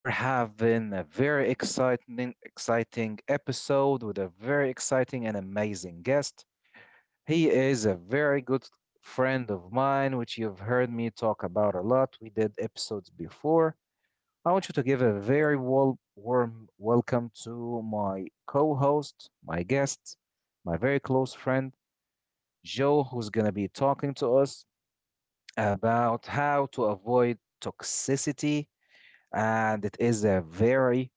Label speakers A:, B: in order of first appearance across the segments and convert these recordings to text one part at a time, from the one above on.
A: we're having a very exciting episode with a very exciting and amazing guest. He is a very good friend of mine, which you've heard me talk about a lot. We did episodes before. I want you to give a very warm welcome to my co host, my guest, my very close friend, Joe, who's going to be talking to us about how to avoid toxicity and it is a very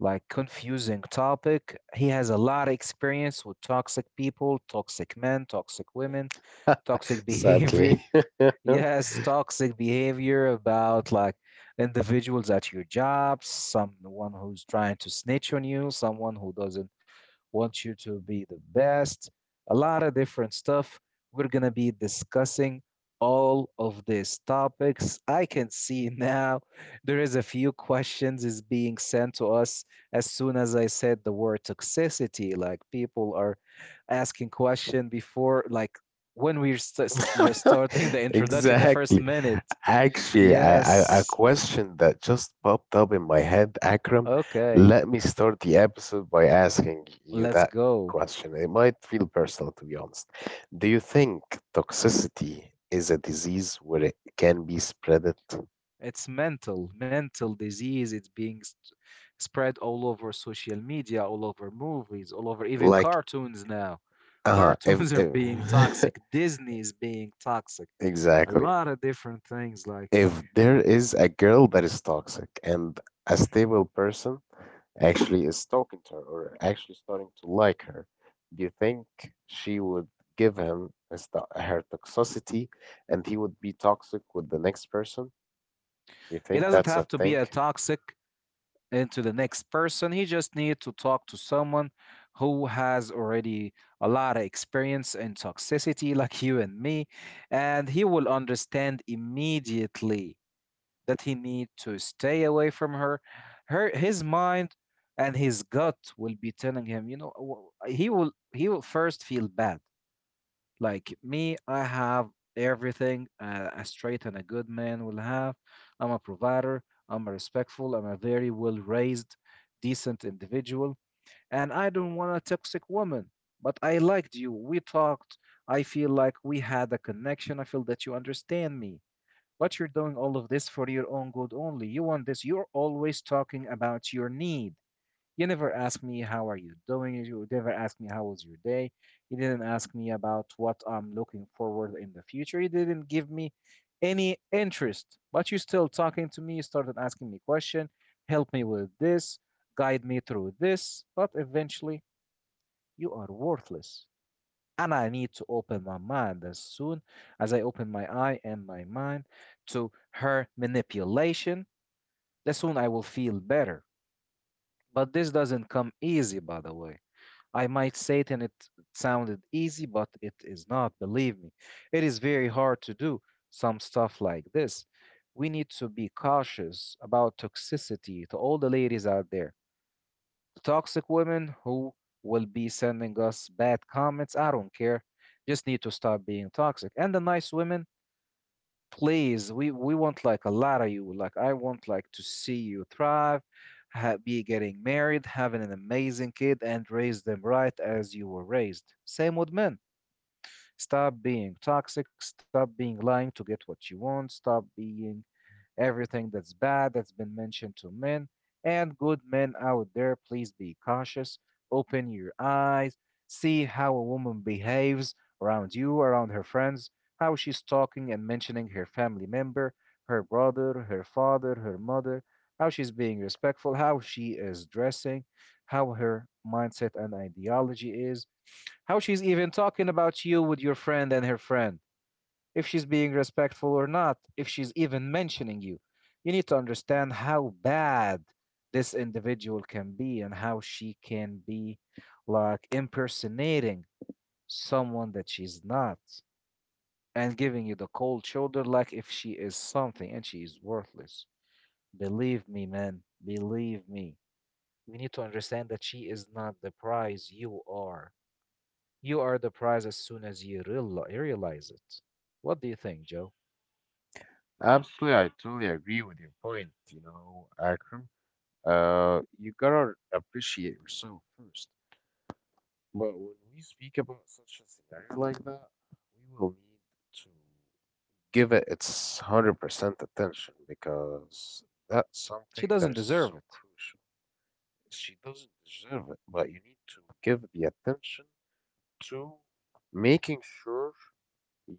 A: like confusing topic. He has a lot of experience with toxic people, toxic men, toxic women, toxic
B: Sadly.
A: behavior. Yes, toxic behavior about like individuals at your jobs, someone who's trying to snitch on you, someone who doesn't want you to be the best, a lot of different stuff. We're going to be discussing all of these topics. I can see now there is a few questions is being sent to us as soon as I said the word toxicity. Like people are asking question before, like when just starting the introduction, the first
B: Exactly.
A: minute.
B: Actually, a
A: Yes.
B: question that just popped up in my head, Akram.
A: Okay.
B: Let me start the episode by asking you
A: Let's
B: that
A: go.
B: question. It might feel personal, to be honest. Do you think toxicity is a disease where it can be spreaded?
A: It's mental disease. It's being spread all over social media, all over movies, all over even
B: Like,
A: cartoons now.
B: uh huh, if,
A: Cartoons are being
B: if
A: toxic. Disney is being toxic. A
B: exactly.
A: lot of different things.
B: If
A: W-
B: there is a girl that is toxic and a stable person actually is talking to her or actually starting to like her, do you think she would give him his to her toxicity and he would be toxic with the next person? Do you
A: it
B: think
A: doesn't
B: that's a
A: have to be
B: thing?
A: a toxic into the next person. He just need to talk to someone who has already a lot of experience in toxicity, like you and me, and he will understand immediately that he need to stay away from her. Her his mind and his gut will be telling him, he will first feel bad. Like me, I have everything a straight and a good man will have. I'm a provider. I'm a respectful. I'm a very well raised, decent individual, and I don't want a toxic woman. But I liked you. We talked. I feel like we had a connection. I feel that you understand me. But you're doing all of this for your own good only. You want this. You're always talking about your need. You never ask me how are you doing. You never ask me how was your day. You didn't ask me about what I'm looking forward in the future. You didn't give me any interest. But you're still talking to me. You started asking me question. Help me with this. Guide me through this. But eventually, you are worthless and I need to open my mind as soon as I open my eye and my mind to her manipulation. The soon I will feel better. But this doesn't come easy, by the way. I might say it and it sounded easy, but it is not, believe me. It is very hard to do some stuff like this. We need to be cautious about toxicity to all the ladies out there, toxic women who will be sending us bad comments. I don't care. Just need to stop being toxic. And the nice women, please, we want like a lot of you. Like I want like to see you thrive, be getting married, having an amazing kid, and raise them right as you were raised. Same with men. Stop being toxic. Stop being lying to get what you want. Stop being Everything that's bad that's been mentioned to men and good men out there, please be cautious. Open your eyes. See how a woman behaves around you, around her friends, how she's talking and mentioning her family member, her brother, her father, her mother, how she's being respectful, how she is dressing, how her mindset and ideology is, how she's even talking about you with your friend and her friend if she's being respectful or not, if she's even mentioning you. You need to understand how bad this individual can be and how she can be like impersonating someone that she's not and giving you the cold shoulder like if she is something and she is worthless. Believe me, man. Believe me. We need to understand that she is not the prize you are. You are the prize as soon as you realize it. What do you think, Joe?
B: Absolutely, I totally agree with your point, you know, Akram. You gotta appreciate yourself first. But when we speak about such a scenario like that, we will need to give it its 100% attention because that's
A: She
B: something that
A: doesn't
B: is so
A: deserve it.
B: crucial. She doesn't deserve it, but you need to give the attention to making sure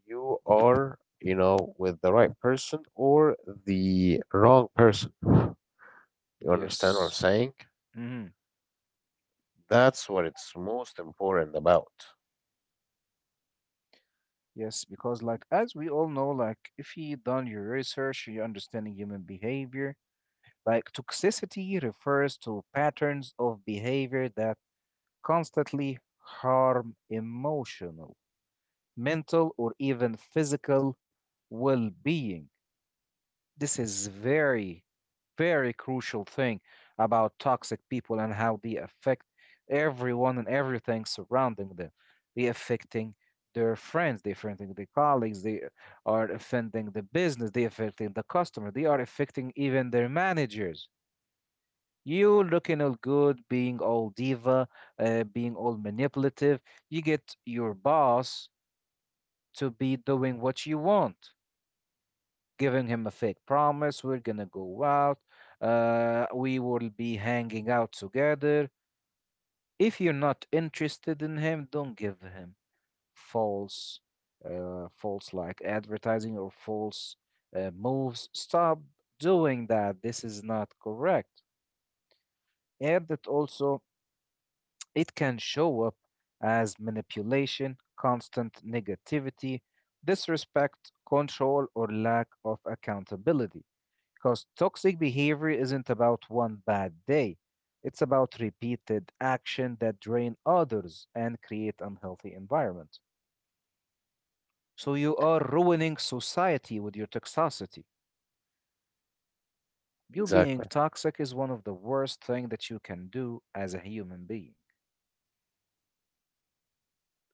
B: you are, you know, with the right person or the wrong person. You understand what I'm
A: Yes.
B: saying?
A: Hmm.
B: That's what it's most important about.
A: Yes, because like as we all know, like if you done your research, you understanding human behavior, like toxicity refers to patterns of behavior that constantly harm emotional, mental, or even physical well-being. This is very crucial thing about toxic people and how they affect everyone and everything surrounding them. They affecting their friends, they affecting their colleagues, they are affecting the business, they affecting the customer, they are affecting even their managers. You looking all good, being all diva, being all manipulative, you get your boss to be doing what you want, giving him a fake promise, we're gonna go out, we will be hanging out together. If you're not interested in him, don't give him false, false like advertising or false moves. Stop doing that, this is not correct. And that also it can show up as manipulation, constant negativity, disrespect, control or lack of accountability. Because toxic behavior isn't about one bad day, it's about repeated action that drain others and create unhealthy environment. So you are ruining society with your toxicity. You being
B: Exactly.
A: toxic is one of the worst thing that you can do as a human being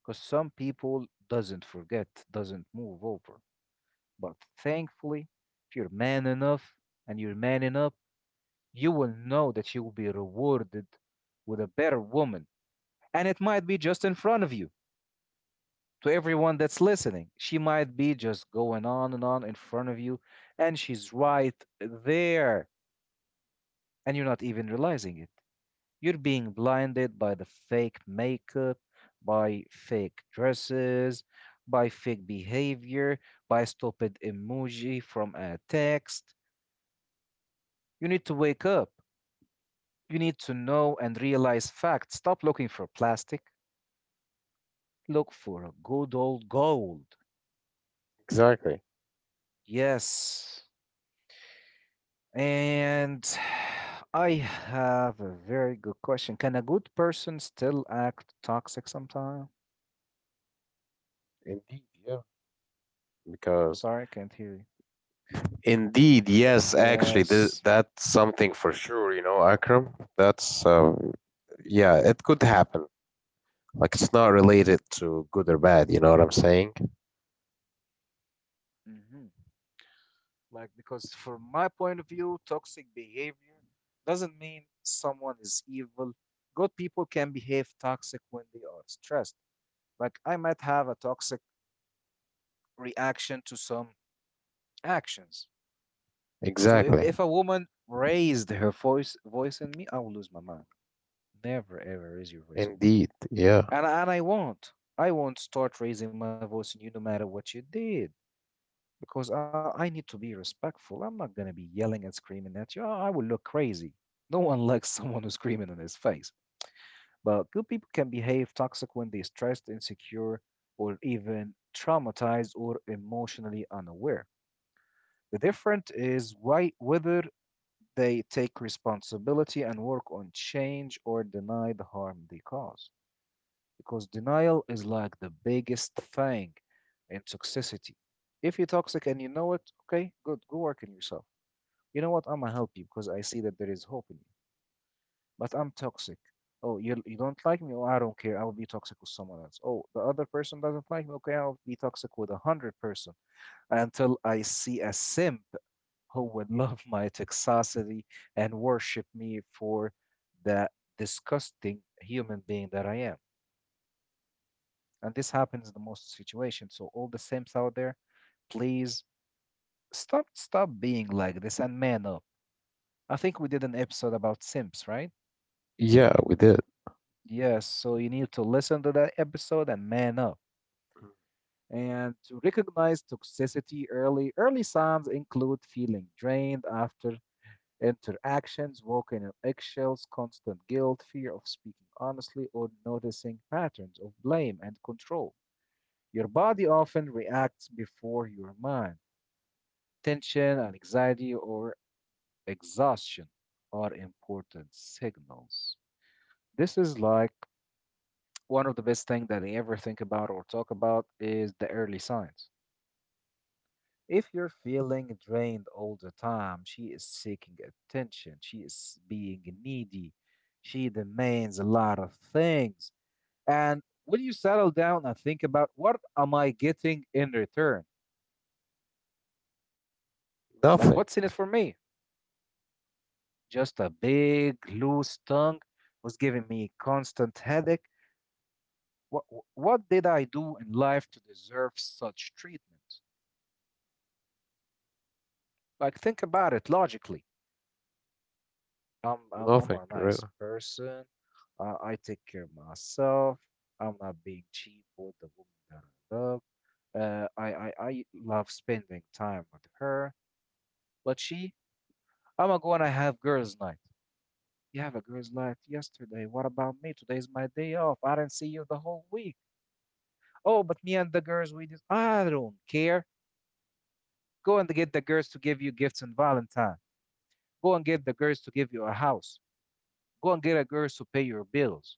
A: because some people doesn't forget, doesn't move over. But thankfully, if you're man enough and you're man enough, you will know that you will be rewarded with a better woman and it might be just in front of you. To everyone that's listening, she might be just going on and on in front of you and she's right there and you're not even realizing it. You're being blinded by the fake makeup, by fake dresses, by fake behavior, by stupid emoji from a text. You need to wake up, you need to know and realize facts. Stop looking for plastic, look for a good old gold.
B: Exactly.
A: Yes. And I have a very good question. Can a good person still act toxic sometime?
B: Indeed, yeah. Because
A: Sorry, I can't hear you.
B: indeed, yes, actually,
A: Yes.
B: that's something for sure, you know, Akram. That's yeah, it could happen. Like it's not related to good or bad, you know what I'm saying?
A: Hmm. Like, because from my point of view, toxic behavior doesn't mean someone is evil. Good people can behave toxic when they are stressed. Like, I might have a toxic reaction to some actions. So
B: Exactly.
A: if a woman raised her voice in me, I will lose my mind. Never ever raise your voice in me.
B: Indeed. Yeah.
A: And I won't. I won't start raising my voice in you no matter what you did. Because I need to be respectful. I'm not gonna be yelling and screaming at you. I will look crazy. No one likes someone who's screaming in his face. But good people can behave toxic when they're stressed, insecure, or even traumatized or emotionally unaware. The difference is why, whether they take responsibility and work on change or deny the harm they cause. Because denial is like the biggest thing in toxicity. If you're toxic and you know it, okay, good, go work on yourself. You know what? I'm gonna help you because I see that there is hope in you. But I'm toxic. Oh, you don't like me? Oh, I don't care. I'll be toxic with someone else. Oh, the other person doesn't like me. Okay, I'll be toxic with a hundred-person until I see a simp who would love my toxicity and worship me for the disgusting human being that I am. And this happens in the most situations. So all the simps out there, please stop being like this and man up. I think we did an episode about simps, right?
B: Yeah, we did.
A: Yes, so you need to listen to that episode and man up. And to recognize toxicity early, early signs include feeling drained after interactions, walking on eggshells, constant guilt, fear of speaking honestly, or noticing patterns of blame and control. Your body often reacts before your mind. Tension and anxiety or exhaustion are important signals. This is like one of the best things that I ever think about or talk about is the early signs. If you're feeling drained all the time, she is seeking attention, she is being needy, she demands a lot of things. And when you settle down and think about what am I getting in return? Like, what's in
B: Nothing.
A: it for me? Just a big, loose tongue was giving me constant headache. What, what did I do in life to deserve such treatment? Like, think about it logically. I'm
B: Nothing,
A: a
B: really.
A: nice person. I take care of myself. I'm not being cheap with the woman that I love. I love spending time with her. But she, I'm going to have girls' night. You have a girls' night yesterday. What about me? Today's my day off. I didn't see you the whole week. Oh, but me and the girls, we just, I don't care. Go and get the girls to give you gifts on Valentine. Go and get the girls to give you a house. Go and get a girls to pay your bills.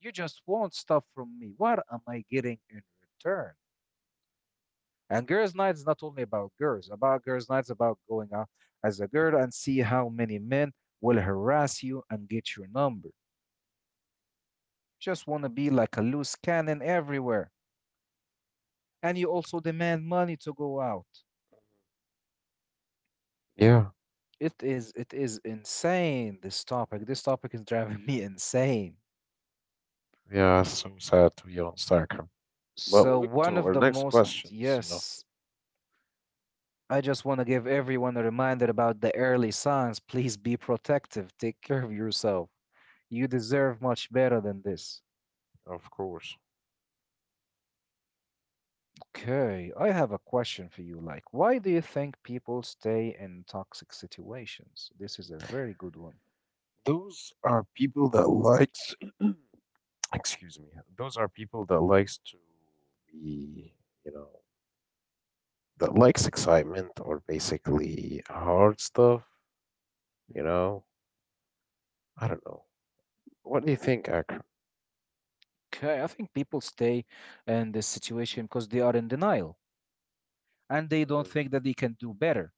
A: You just want stuff from me. What am I getting in return? And girls' night is not only about girls' nights about going out as a girl and see how many men will harass you and get your number. Just want to be like a loose cannon everywhere. And you also demand money to go out.
B: Yeah,
A: It is insane this topic. This topic is driving me insane.
B: yeah, so sad to be on Stockholm. But
A: So
B: moving to
A: one of
B: our
A: the
B: next
A: most
B: questions, you know.
A: yes, I just want to give everyone a reminder about the early signs. Please be protective. Take care of yourself. You
B: Mm,
A: deserve much better than this.
B: of course.
A: Okay, I have a question for you. Like, why do you think people stay in toxic situations? This is a very good one.
B: Those are people that likes, excuse me, those are people that likes to be, you know, that likes excitement or basically hard stuff, you
A: Mhm.
B: know. I don't know. What do you think, Akram?
A: Okay, I think people stay in this situation because they are in denial and they don't
B: Mhm.
A: think that they can do better.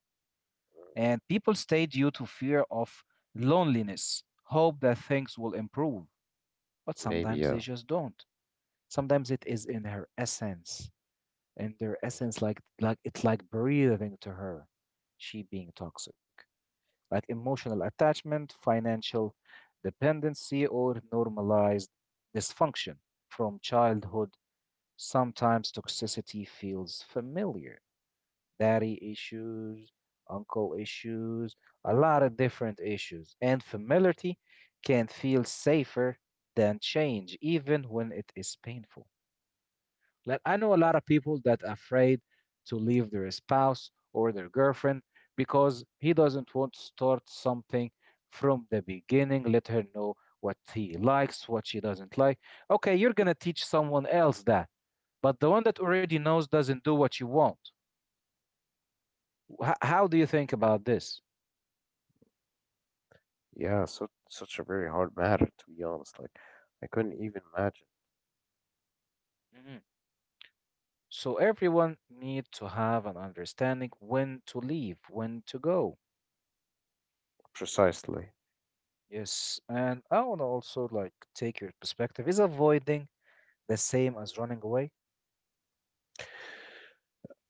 A: And people stay due to fear of loneliness, hope that things will improve, but
B: Mhm. Maybe,
A: sometimes
B: yeah.
A: they just don't. Sometimes it is in her essence, in their
B: Mhm.
A: essence, like it's like breathing to her, she being toxic, like emotional attachment, financial dependency, or normalized dysfunction from childhood. Sometimes toxicity feels familiar. Daddy issues, uncle issues, a lot of different issues. And familiarity can feel safer than change, even when it is painful. Like I know a lot of people that are afraid to leave their spouse or their girlfriend because he doesn't want to start something from the beginning, let her know what he likes, what she doesn't like. Okay, you're gonna teach someone else that, but the one that already knows doesn't do what you want. How do you think about this?
B: Yeah, so such a very hard matter to be honest. Like, I couldn't even imagine
A: Mhm. So everyone need to have an understanding when to leave, when to go.
B: precisely.
A: Yes, and I want to also like take your perspective, is avoiding the same as running away?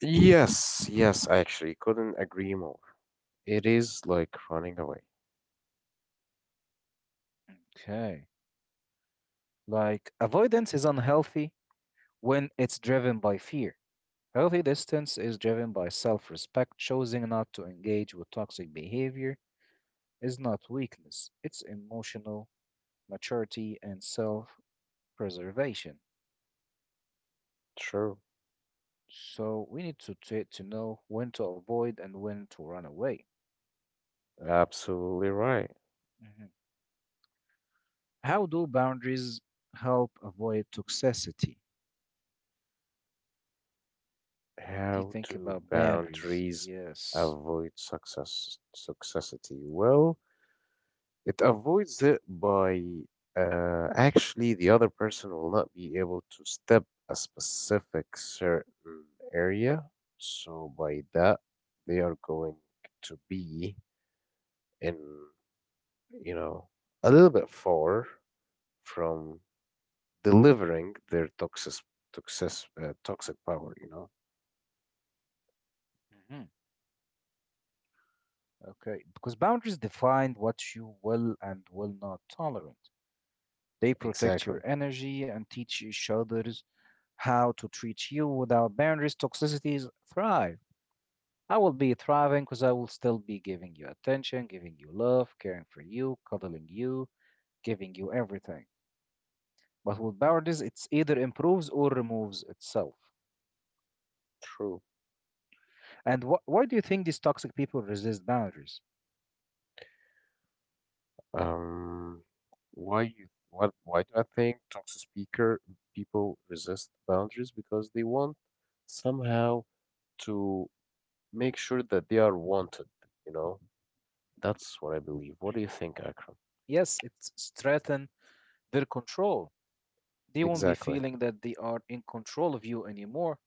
B: Yes, yes, I actually couldn't agree more. It is like running away.
A: Okay. Like, avoidance is unhealthy when it's driven by fear. Healthy distance is driven by self respect. Choosing not to engage with toxic behavior is not weakness, it's emotional maturity and self preservation.
B: True,
A: So, we need to, to know when to avoid and when to run away.
B: absolutely right.
A: Mhm. How do boundaries help avoid toxicity? Do you
B: How
A: think
B: do
A: about boundaries?
B: boundaries
A: Yes.
B: avoid success successity? Well, it avoids it by actually the other person will not be able to step a specific certain area. So by that, they are going to be in, you know, a little bit far from delivering their toxic toxic power, you know.
A: Mhm. Okay, because boundaries define what you will and will not tolerate. They protect your
B: Exactly.
A: energy and teach each others how to treat you. Without boundaries, toxicities thrive. I will be thriving because I will still be giving you attention, giving you love, caring for you, cuddling you, giving you everything. But with boundaries, it's either improves or removes itself.
B: True.
A: And why do you think these toxic people resist boundaries?
B: Um, why you what why do I think toxic speaker people resist boundaries because they want somehow to make sure that they are wanted, you know? That's what I believe. What do you think, Akram?
A: Yes, it's strengthen their control. They won't be
B: Exactly.
A: feeling that they are in control of you anymore,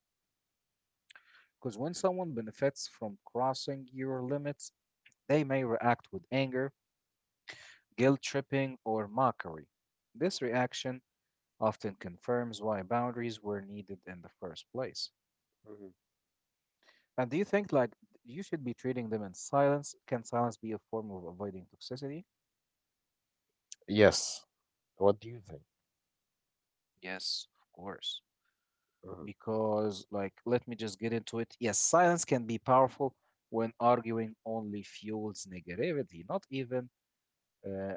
A: because when someone benefits from crossing your limits, they may react with anger, guilt tripping, or mockery. This reaction often confirms why boundaries were needed in the first place.
B: Mhm.
A: And do you think like you should be treating them in silence? Can silence be a form of avoiding toxicity?
B: Yes. What do you think?
A: Yes, of course.
B: Mhm.
A: Because like let me just get into it, yes, silence can be powerful when arguing only fuels negativity, not even uh,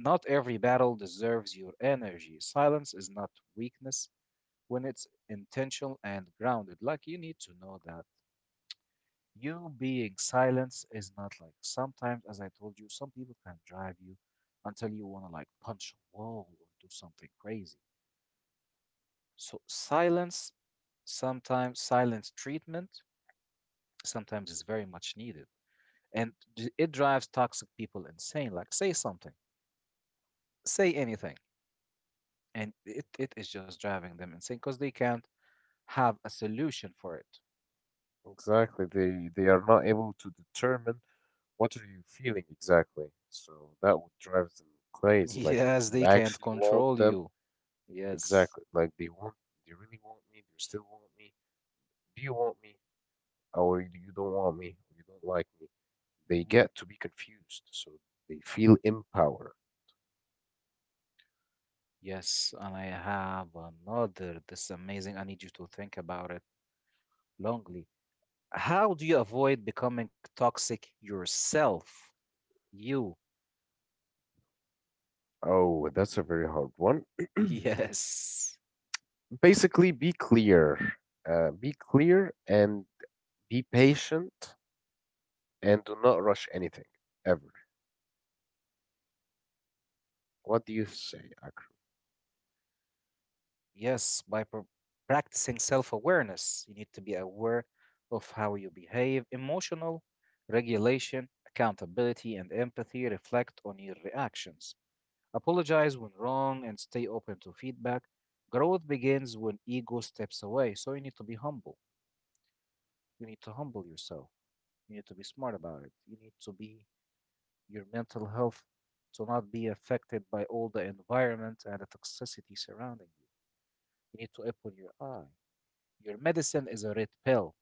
A: not every battle deserves your energy. Silence is not weakness when it's intentional and grounded. Like you need to know that you being silence is not, like sometimes as I told you, some people can drive you until you want to like punch a wall or do something crazy. So silence, sometimes silence treatment, sometimes is very much needed. And it drives toxic people insane. Like, say something, say anything. And it is just driving them insane because they can't have a solution for it.
B: Exactly. They are not able to determine what are you feeling exactly? So that would drive them crazy. Like,
A: Yes,
B: do you
A: they can't
B: actually want
A: control
B: them?
A: you. Yes.
B: Exactly. Like, they really want me? Do you still want me? Do you want me? Or you don't want me? Or you don't like me? They
A: Hmm.
B: get to be confused. So they feel empowered.
A: Yes. And I have another. This is amazing. I need you to think about it longly. How do you avoid becoming toxic yourself? You.
B: Oh, that's a very hard one.
A: Yes.
B: Basically, be clear. Be clear and be patient and do not rush anything ever. What do you say?
A: Yes, by practicing self awareness, you need to be aware of how you behave. Emotional regulation, accountability, and empathy, reflect on your reactions. Apologize when wrong and stay open to feedback. Growth begins when ego steps away. So you need to be humble. You need to humble yourself. You need to be smart about it. You need to be, your mental health to not be affected by all the environment and the toxicity surrounding you. You need to open your eye. Your medicine is a red pill.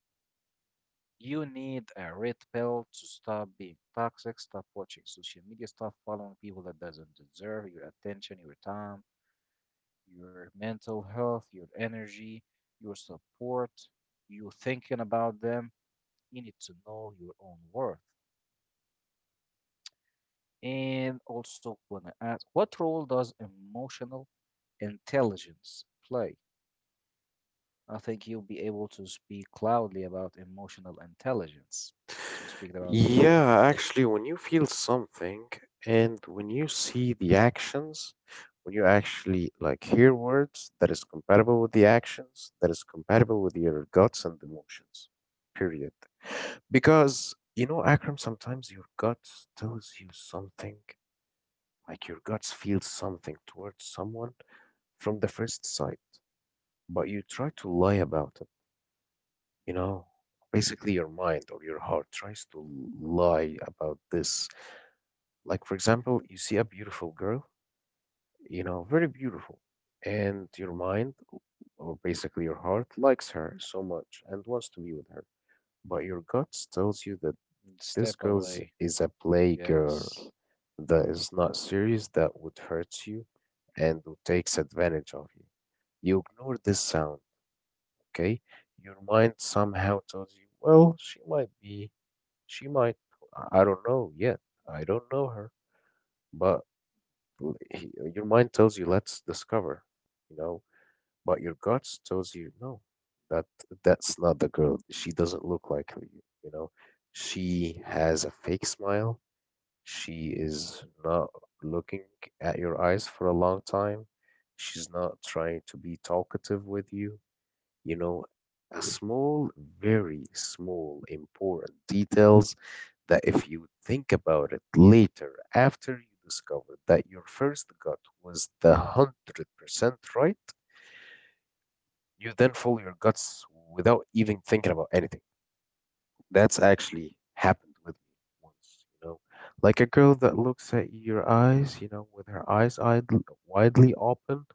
A: You need a red pill to stop being toxic, stop watching social media, stop following people that doesn't deserve your attention, your time, your mental health, your energy, your support, you thinking about them. You need to know your own worth. And also wanna ask, what role does emotional intelligence play? I think you'll be able to speak loudly about emotional intelligence, as we speak about before.
B: Yeah, actually, when you feel something and when you see the actions, when you actually like hear words that is compatible with the actions, that is compatible with your guts and emotions, period. Because, you know, Akram, sometimes your guts tells you something, like your guts feels something towards someone from the first sight, but you try to lie about it, you know? Basically, your mind or your heart tries to lie about this. Like, for example, you see a beautiful girl, you know, very beautiful, and your mind, or basically your heart, likes her so much and wants to be with her. But your guts tells you that
A: Step away.
B: is a playgirl
A: Yes.
B: that is not serious, that would hurt you and who takes advantage of you. You ignore this sound, okay? Your mind somehow tells you, well, she might, I don't know yet. I don't know her, but your mind tells you let's discover, you know, but your guts tells you no, that that's not the girl, she doesn't look like you know, she has a fake smile, she is not looking at your eyes for a long time, she's not trying to be talkative with you, you know, a small, very small, important details that if you think about it later, after you discover that your first gut was the 100% right, you then follow your guts without even thinking about anything. That's actually happened with me once, you know. Like a girl that looks at your eyes, you know, with her eyes idle, widely open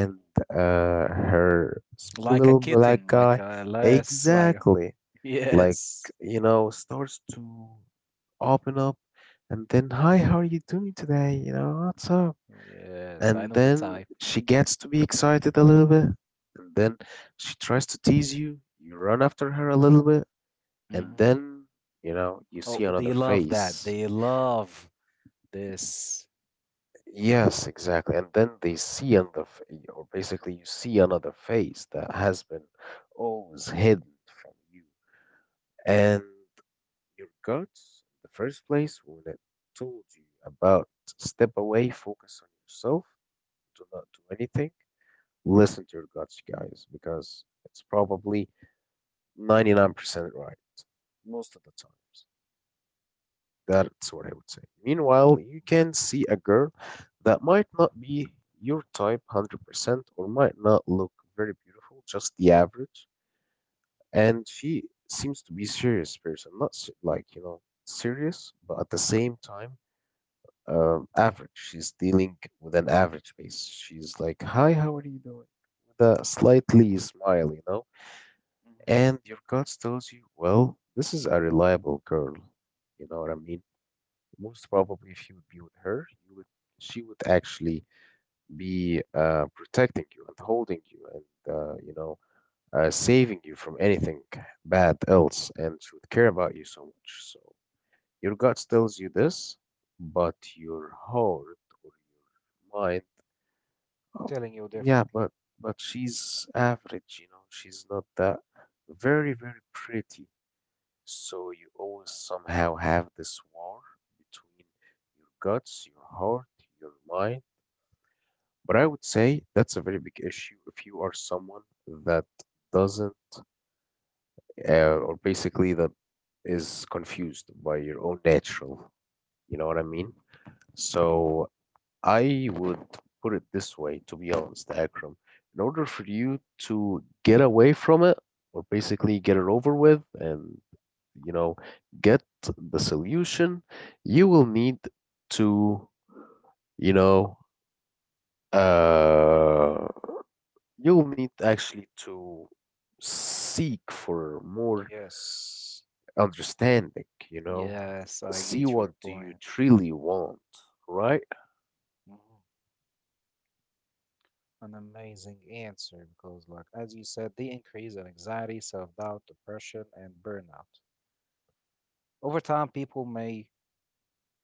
A: Mhm.
B: her small
A: Like a
B: little black
A: kitten, like
B: guy,
A: a less, like,
B: exactly, like,
A: yes.
B: you know, starts to open up and then, hi, how are you doing today? You know, what's up?
A: Yes, I
B: And
A: know the
B: then
A: type.
B: she gets to be excited a little bit and then she tries to tease you. You run after her a little bit and
A: Hmm.
B: then, you know, you see
A: Oh,
B: another
A: they love that.
B: face.
A: They love this.
B: Yes, exactly, and then they see another f- or basically you see another face that has been always hidden from you. And your guts in the first place, when it told you about step away, focus on yourself, do not do anything, listen to your guts guys, because it's probably 99% right most of the times. That's what I would say. Meanwhile, you can see a girl that might not be your type 100% or might not look very beautiful, just the average. And she seems to be serious person, not like, you know, serious, but at the same time, average. She's dealing with an average face. She's like, "Hi, how are you doing?" With a slightly smile, you know.
A: Mhm.
B: And your gut tells you, "Well, this is a reliable girl." You know what I mean? Most probably if you would be with her you would, she would actually be protecting you and holding you and, you know, saving you from anything bad else, and she would care about you so much. So your gut tells you this, but your heart or your mind, oh,
A: Telling you
B: yeah,
A: differently.
B: but she's average, you know, she's not that very very pretty. So you always somehow have this war between your guts, your heart, your mind. But I would say that's a very big issue if you are someone that doesn't, or basically that is confused by your own natural. You know what I mean? So I would put it this way, to be honest, Akram. In order for you to get away from it, or basically get it over with and, you know, get the solution, you will need to, you know, uh you'll need actually to seek for more
A: Yes.
B: understanding, you know.
A: Yes, I
B: See
A: get
B: what
A: your
B: do you
A: point.
B: truly want, right?
A: Mhm. An amazing answer because, like, as you said, they increase in anxiety, self doubt, depression, and burnout. Over time, people may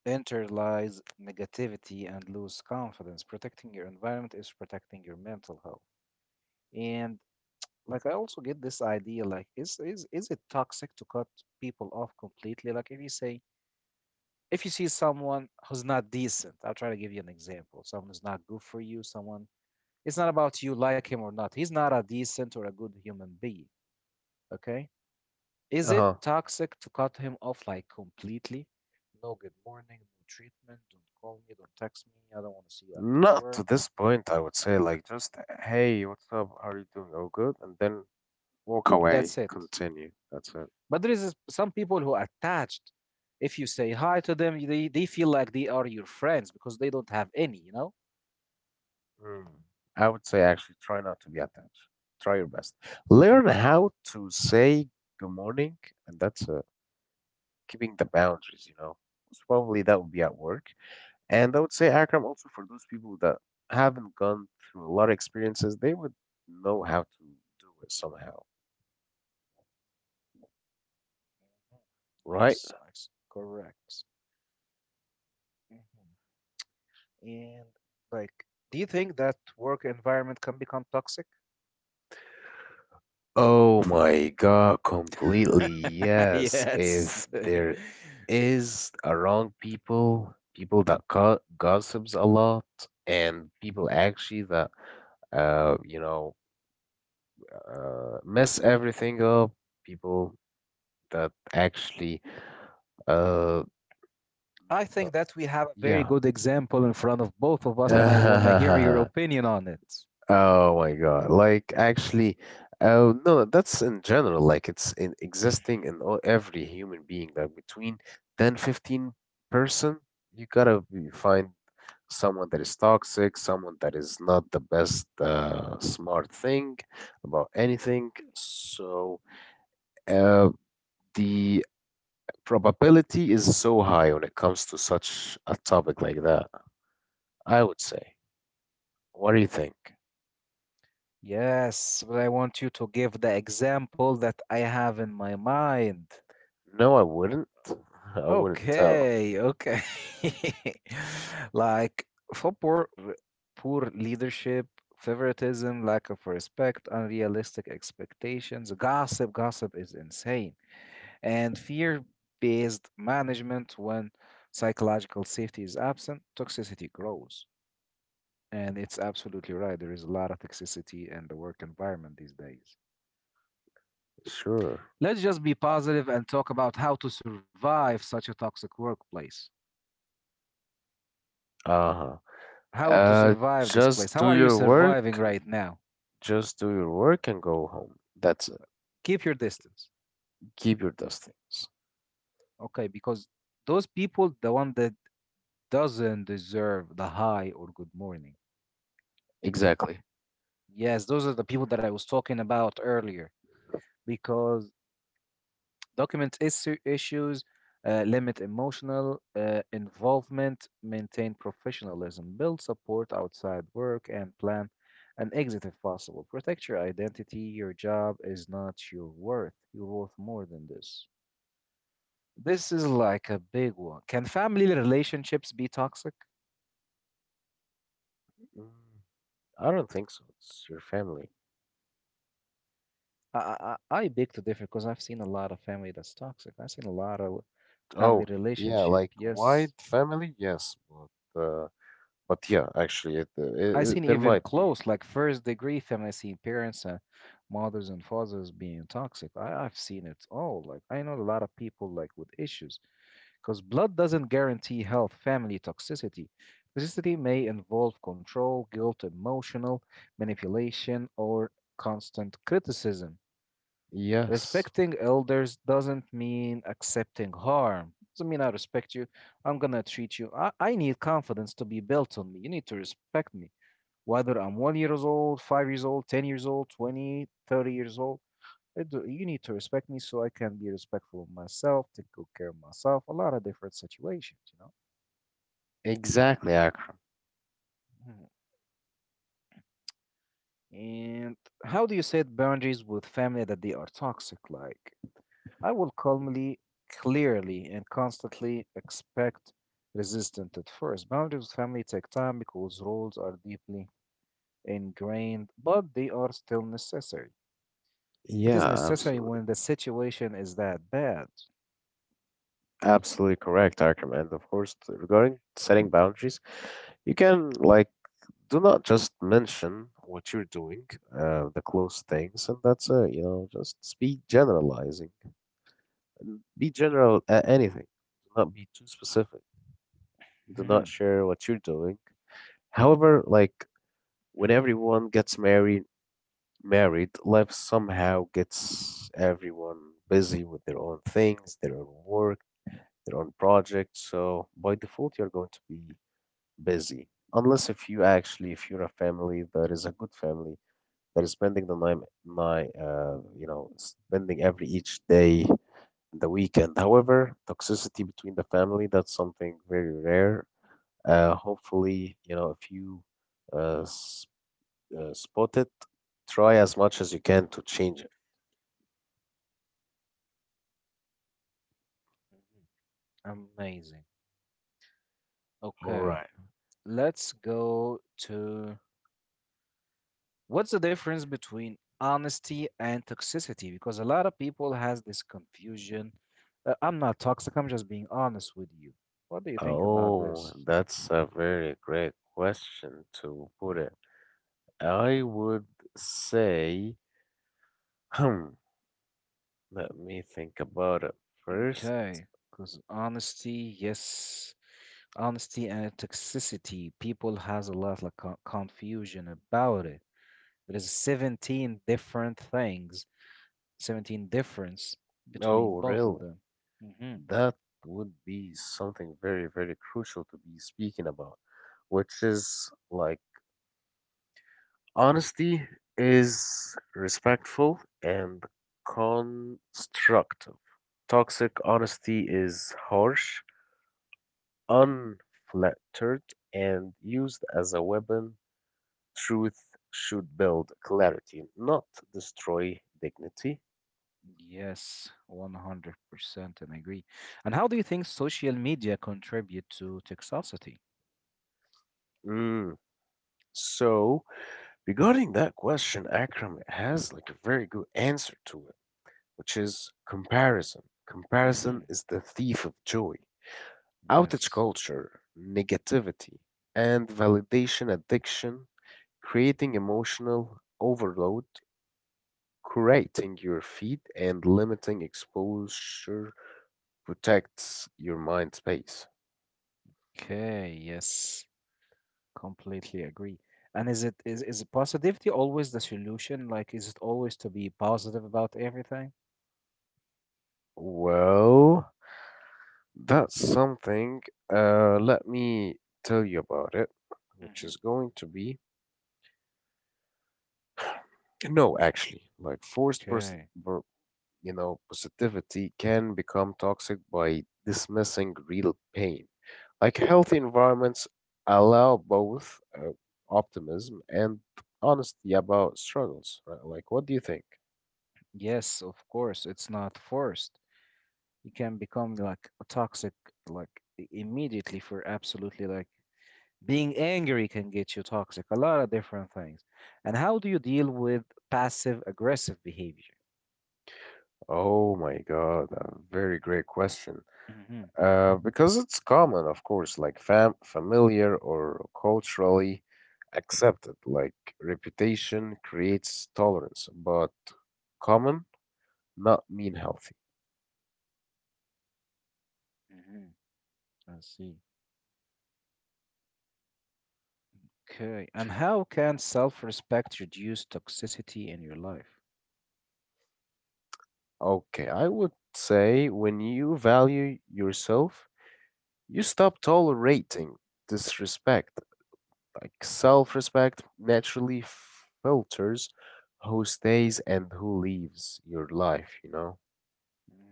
A: enter lies negativity and lose confidence. Protecting your environment is protecting your mental health. And like I also get this idea, like is it toxic to cut people off completely? Like if you say, if you see someone who's not decent, I'll try to give you an example. Someone who's not good for you, someone, it's not about you like him or not. He's not a decent or a good human being. Okay? Is it
B: Uh-huh.
A: toxic to cut him off like completely? No good morning, no treatment, don't call me, don't text me, I don't want to see you after
B: Not to
A: work.
B: this point, I would say, like just, hey, what's up, how are you doing, oh good, and then walk away,
A: That's it.
B: continue, that's it.
A: But there is some people who are attached. If you say hi to them, they feel like they are your friends because they don't have any, you know?
B: Mm. I would say actually try not to be attached. Try your best. Learn how to say good morning, and that's keeping the boundaries, you know. Most probably that would be at work. And I would say, Akram, also for those people that haven't gone through a lot of experiences, they would know how to do it somehow,
A: Mhm.
B: right?
A: Yes, correct. Mhm. And like, do you think that work environment can become toxic?
B: Oh my God, completely. Yes.
A: Yes.
B: If there is around people, people that go gossips a lot, and people actually that, you know, mess everything up, people that actually, uh,
A: I think
B: no-
A: that we have a very
B: yeah.
A: good example in front of both of us, and I want to hear your opinion on it.
B: Oh my God. Like actually, oh no, that's in general. Like it's in existing in all, every human being. Like between 10, 15 person, find someone that is toxic, someone that is not the best smart thing about anything. So, uh, the probability is so high when it comes to such a topic like that, I would say. What do you think?
A: Yes, but I want you to give the example that I have in my mind.
B: No, I wouldn't. I wouldn't tell.
A: Okay, okay. Like, for poor leadership, favoritism, lack of respect, unrealistic expectations, gossip, gossip is insane, and fear-based management. When psychological safety is absent, toxicity grows. And it's absolutely right. There is a lot of toxicity in the work environment these days.
B: Sure.
A: Let's just be positive and talk about how to survive such a toxic workplace.
B: Uh-huh.
A: How to survive this
B: Just
A: place, how
B: do
A: are you
B: your
A: surviving
B: work,
A: right now?
B: and go home. That's it.
A: Keep your distance.
B: Keep your distance.
A: Okay, because those people, the one that doesn't deserve the hi or good morning,
B: Exactly.
A: yes, those are the people that I was talking about earlier. Because document issue, issues, limit emotional involvement, maintain professionalism, build support outside work, and plan an exit if possible. Protect your identity, your job is not your worth, you're worth more than this. This is like a big one. Can family relationships be toxic?
B: Mm, I don't think so. It's your family.
A: I beg to differ because I've seen a lot of family that's toxic. I've seen a lot of family
B: Oh, yeah,
A: relationship.
B: like wide
A: Yes,
B: family, yes, but uh But yeah, actually,
A: I've seen
B: it, there
A: even
B: might be.
A: close, like first degree family. I've seen parents and mothers and fathers being toxic. I've seen it all. Like I know a lot of people like with issues. Because blood doesn't guarantee health, family toxicity. Toxicity may involve control, guilt, emotional manipulation, or constant criticism.
B: Yes,
A: Respecting elders doesn't mean accepting harm. Doesn't mean I respect you. I'm gonna treat you. I need confidence to be built on me. You need to respect me. Whether I'm 1 year old, 5 years old, 10 years old, 20, 30 years old. I do, you need to respect me so I can be respectful of myself, take good care of myself, a lot of different situations, you know?
B: exactly, Akram.
A: Mhm. And how do you set boundaries with family that they are toxic? Like, I will calmly, clearly, and constantly expect resistance at first. Boundaries with family take time because roles are deeply ingrained, but they are still necessary. It is
B: Yeah,
A: necessary
B: absolutely,
A: when the situation is that bad.
B: absolutely correct, Akram. And of course, regarding setting boundaries, you can like do not just mention what you're doing, the close things, and that's it. You know, just speak generalizing. Be general at anything. Do not be too specific. Do not
A: Mhm.
B: share what you're doing. However, like when everyone gets married, life somehow gets everyone busy with their own things, their own work, their own projects. So by default, you're going to be busy. Unless if you actually, if you're a family that is a good family, that is spending the night, you know, spending every each day the weekend. However, toxicity between the family, that's something very rare. Hopefully, if you uh, s- spot it, try as much as you can to change it.
A: Mhm. Amazing.
B: All
A: Okay.
B: right.
A: Let's go to, what's the difference between honesty and toxicity? Because a lot of people has this confusion. I'm not toxic, I'm just being honest with you. What do you think about
B: Oh,
A: this?
B: that's a very great question to put it. I would say, hmm, let me think about it first.
A: Okay, because honesty, yes, honesty and toxicity, people has a lot of confusion about it. There's 17 different things, 17 difference
B: Oh,
A: between both of
B: really?
A: them. Mhm.
B: That would be something very, very crucial to be speaking about, which is like honesty is respectful and constructive. Toxic honesty is harsh, unfiltered, and used as a weapon. Truth should build clarity, not destroy dignity.
A: Yes, 100% and agree. And how do you think social media contribute to toxicity?
B: Mm. So, regarding that question, Akram has like a very good answer to it, which is comparison.
A: Hmm.
B: Comparison is the thief of joy. Outage
A: Yes.
B: culture, negativity, and validation addiction, creating emotional overload, curating your feed, and limiting exposure protects your mind space.
A: Okay, yes. Completely agree. And is it is positivity always the solution? Like, is it always to be positive about everything?
B: Well, that's something. Let me tell you about it, which
A: Hmm.
B: is going to be no, actually, like
A: Okay.
B: you know, positivity can become toxic by dismissing real pain. Like healthy environments allow both optimism and honesty about struggles, right? Like, what do you think?
A: Yes, of course. It's not forced. You can become like a toxic, like, immediately for absolutely, like, being angry can get you toxic, a lot of different things. And how do you deal with passive aggressive behavior?
B: Oh my God, a very great question.
A: Hmm.
B: Because it's common, of course, like familiar or culturally accepted. Like reputation creates tolerance, but common not mean healthy.
A: Hmm, I see. Okay. And how can self respect reduce toxicity in your life?
B: Okay, I would say when you value yourself, you stop tolerating disrespect. Like self-respect naturally filters who stays and who leaves your life, you know?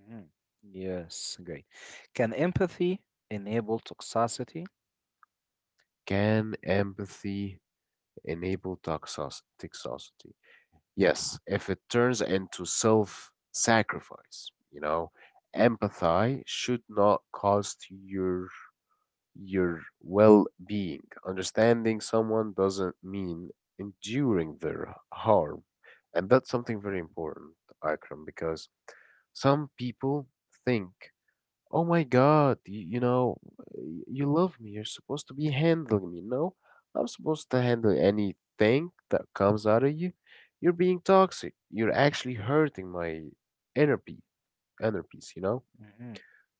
A: Hmm. Yes, great. Can empathy enable toxicity?
B: Can empathy enable toxicity? Yes, if it turns into self-sacrifice, you know, empathy should not cost your. Your well being. Understanding someone doesn't mean enduring their harm. And that's something very important, Akram, because some people think, oh my God, you know, you love me. You're supposed to be handling me. No, I'm supposed to handle anything that comes out of you. You're being toxic. You're actually hurting my inner peace, inner peace, you know?
A: Hmm.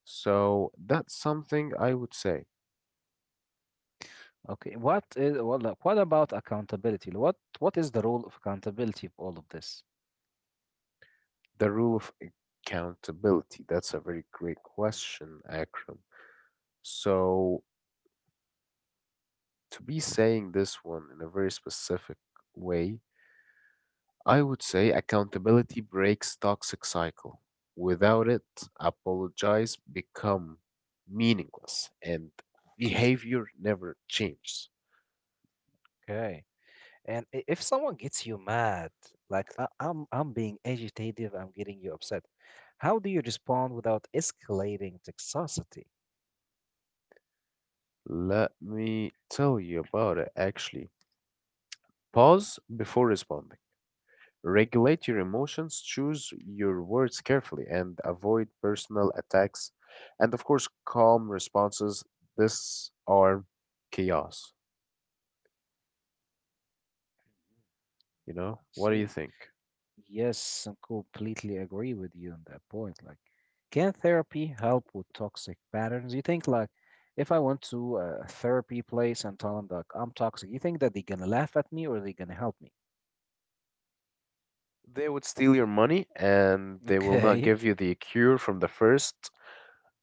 B: So that's something I would say.
A: Okay. What is what, like, what about accountability? What is the role of accountability of all of this?
B: The rule of accountability. That's a very great question, Akram. So, to be saying this one in a very specific way, I would say accountability breaks toxic cycle. Without it, apologize become meaningless and behavior never changes.
A: Okay. And if someone gets you mad, like, I'm being agitative, I'm getting you upset, how do you respond without escalating toxicity?
B: Let me tell you about it actually. Pause before responding. Regulate your emotions, choose your words carefully, and avoid personal attacks. And of course, calm responses. This are chaos,
A: Mhm,
B: you know?
A: I
B: What do you
A: see.
B: think?
A: Yes, I completely agree with you on that point. Like, can therapy help with toxic patterns? You think, like, if I went to a therapy place and tell them like I'm toxic, you think that they're gonna laugh at me or they're gonna help me?
B: They would steal your money and they will not
A: Okay.
B: give you the cure from the first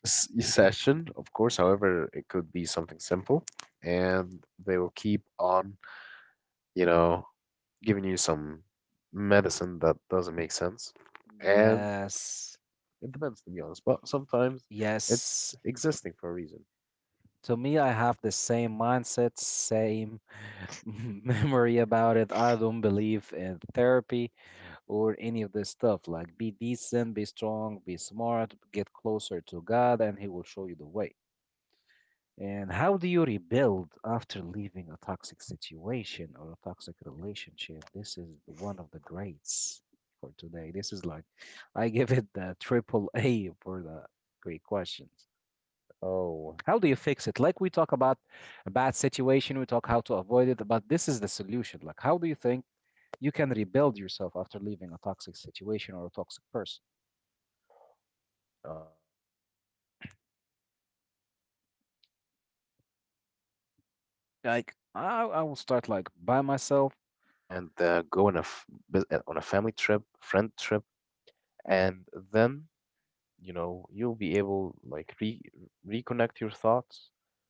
B: session, of course. However, it could be something simple. And they will keep on, you know, giving you some medicine that doesn't make sense. And
A: Yes,
B: it depends, to be honest. But sometimes
A: yes.
B: it's existing for a reason.
A: To me, I have the same mindset, same memory about it. I don't believe in therapy or any of this stuff. Like, be decent, be strong, be smart, get closer to God, and He will show you the way. And how do you rebuild after leaving a toxic situation or a toxic relationship? This is one of the greats for today. This is like, I give it the triple A for the great questions.
B: Oh,
A: How do you fix it? Like, we talk about a bad situation, we talk how to avoid it, but this is the solution. Like, how do you think you can rebuild yourself after leaving a toxic situation or a toxic person?
B: oh my God. Reconnect with yourself. Take a break
A: Like
B: and
A: I will start
B: go on a
A: like by myself.
B: on a family trip, friend trip, and then you know you'll be able like reconnect your thoughts,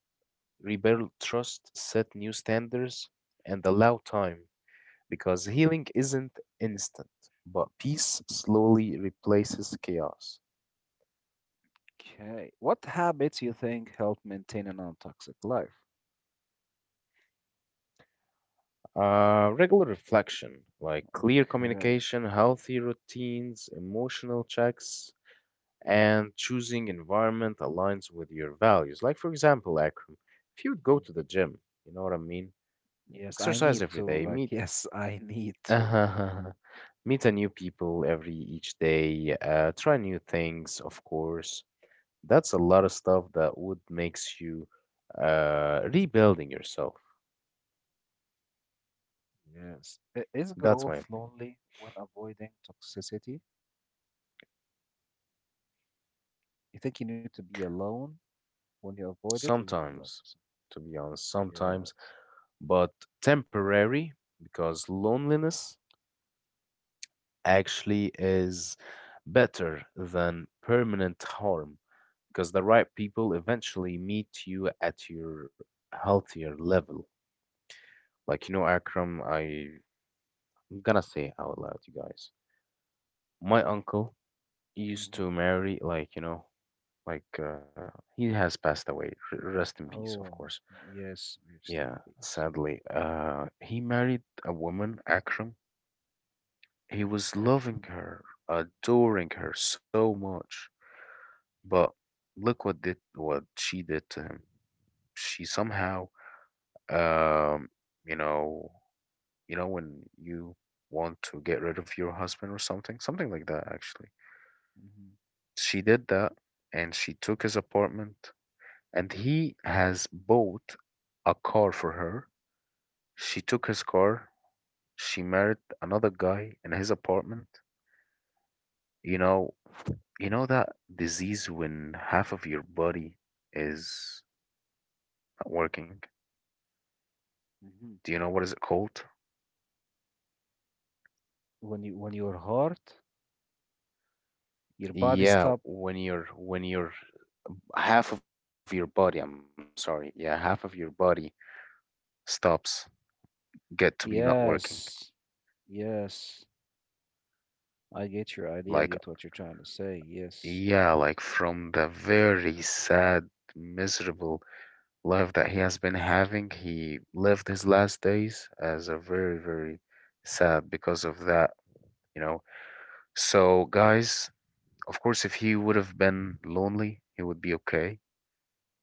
B: rebuild trust, set new standards, and allow time, because healing isn't instant, but peace slowly replaces chaos.
A: Okay, what habits you think help maintain a non-toxic life?
B: Regular reflection, like clear
A: Okay.
B: communication, healthy
A: Mhm.
B: routines, emotional checks, and choosing environment aligns with your values. Like, for example, Akram, if you would go to the gym, you know what I mean?
A: Yes, I
B: Exercise
A: need to.
B: every day,
A: Like,
B: meet.
A: yes, I need to.
B: Meet a new people every each day, try new things, of course. That's a lot of stuff that would makes you rebuilding yourself.
A: Yes. Is
B: That's my
A: growth
B: opinion.
A: lonely when avoiding toxicity? You think you need to be alone when you avoid it, or you need to be like, with
B: Sometimes,
A: some—
B: to be honest, sometimes,
A: yes.
B: but temporary, because loneliness actually is better than permanent harm, because the right people eventually meet you at your healthier level. Like, you know, Akram, I'm gonna say out loud, you guys. My uncle used to
A: Hmm.
B: marry, like, you know, like he has passed away. Rest in peace, of course.
A: Oh, yes, rest in
B: Yeah,
A: peace.
B: sadly. He married a woman, Akram. He was loving her, adoring her so much. But look what did what she did to him. She somehow, um, you know, you know when you want to get rid of your husband or something, something like that. Actually,
A: Hmm.
B: she did that, and she took his apartment, and he has bought a car for her. She took his car. She married another guy in his apartment. You know, you know that disease when half of your body is not working.
A: Hmm.
B: Do you know what is it called?
A: When you, when your heart, your body
B: Yeah,
A: stop.
B: when you're half of your body, I'm sorry. Yeah, half of your body. Stops. Get to be not working.
A: Yes, yes, I get your idea. I
B: Like,
A: get what you're trying to say. Yes.
B: yeah, like from the very sad, miserable life that he has been having. He lived his last days as a very, very sad because of that, you know. So, guys, of course, if he would have been lonely, he would be okay.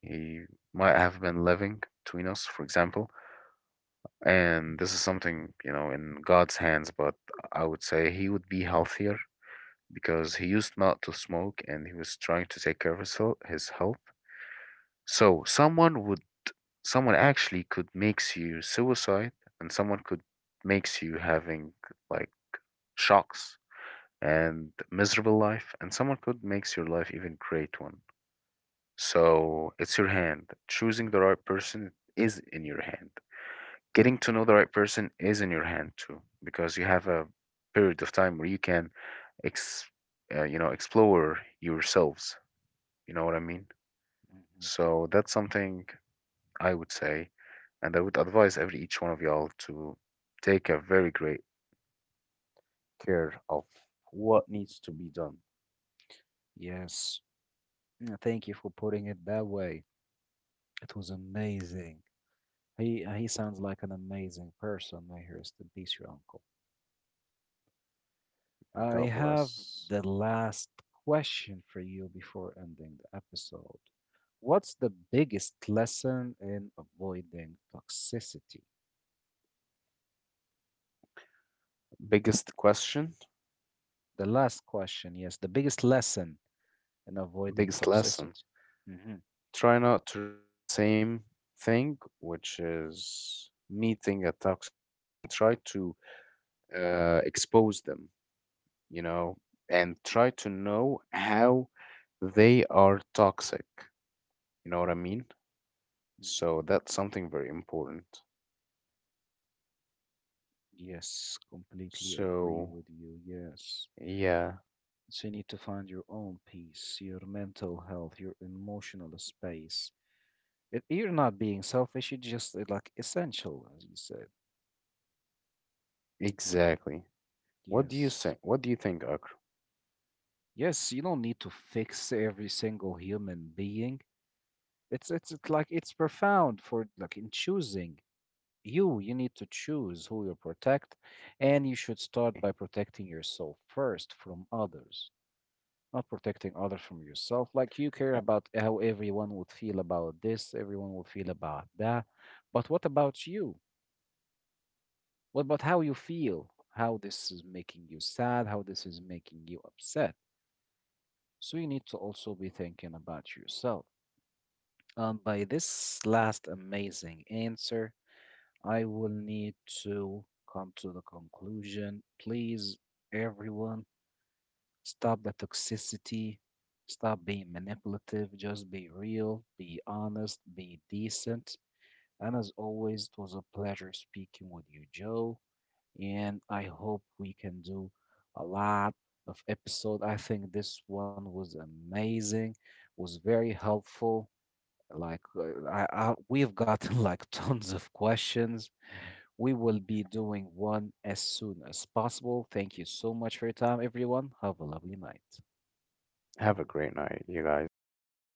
B: He might have been living between us, for example. And this is something, you know, in God's hands, but I would say he would be healthier because he used not to smoke and he was trying to take care of his, his health. So someone would someone actually could makes you suicide, and someone could makes you having like shocks and miserable life, and someone could makes your life even great one. So it's your hand. Choosing the right person is in your hand. Getting to know the right person is in your hand too, because you have a period of time where you can ex you know, explore yourselves. You know what I mean?
A: Hmm.
B: So that's something I would say, and I would advise every each one of y'all to take a very great care of what needs to be done.
A: Yes. Mm, thank you for putting it that way. It was amazing. He sounds like an amazing person. May he rest in peace, your uncle.
B: And
A: I
B: God
A: have
B: bless.
A: the last question for you before ending the episode. What's the biggest lesson in avoiding toxicity?
B: Biggest question,
A: The last question, yes, the biggest lesson in avoiding
B: biggest lesson.
A: toxicity. Hmm.
B: Try not to repeat the same thing, which is meeting a toxic people, and try to expose them, you know, and try to know how they are toxic. You know what I mean? So
A: Hmm.
B: that's something very important.
A: Yes, completely agree
B: So
A: with you. Yes.
B: yeah,
A: So you need to find your own peace, your mental health, your emotional space. It, you're not being selfish, you're just like essential, as you said.
B: exactly. What do you say?
A: Yes.
B: What do you think, Akram?
A: Yes, you don't need to fix every single human being. It's like it's profound for like in choosing you, you need to
B: Exactly.
A: choose who you protect, and you should start by protecting yourself first from others, not protecting others from yourself. Like, you care about how everyone would feel about this, everyone would feel about that. But what about you? What about how you feel? How this is making you sad? How this is making you upset? So you need to also be thinking about yourself. And by this last amazing answer, I will need to come to the conclusion. Please, everyone, stop the toxicity. Stop being manipulative. Just be real, be honest, be decent. And as always, it was a pleasure speaking with you, Joe. And I hope we can do a lot of episode. I think this one was amazing, was very helpful. Like we've gotten like tons of questions. We will be doing one as soon as possible. Thank you so much for your time, everyone. Have a lovely night.
B: Have a great night, you guys. Bye bye.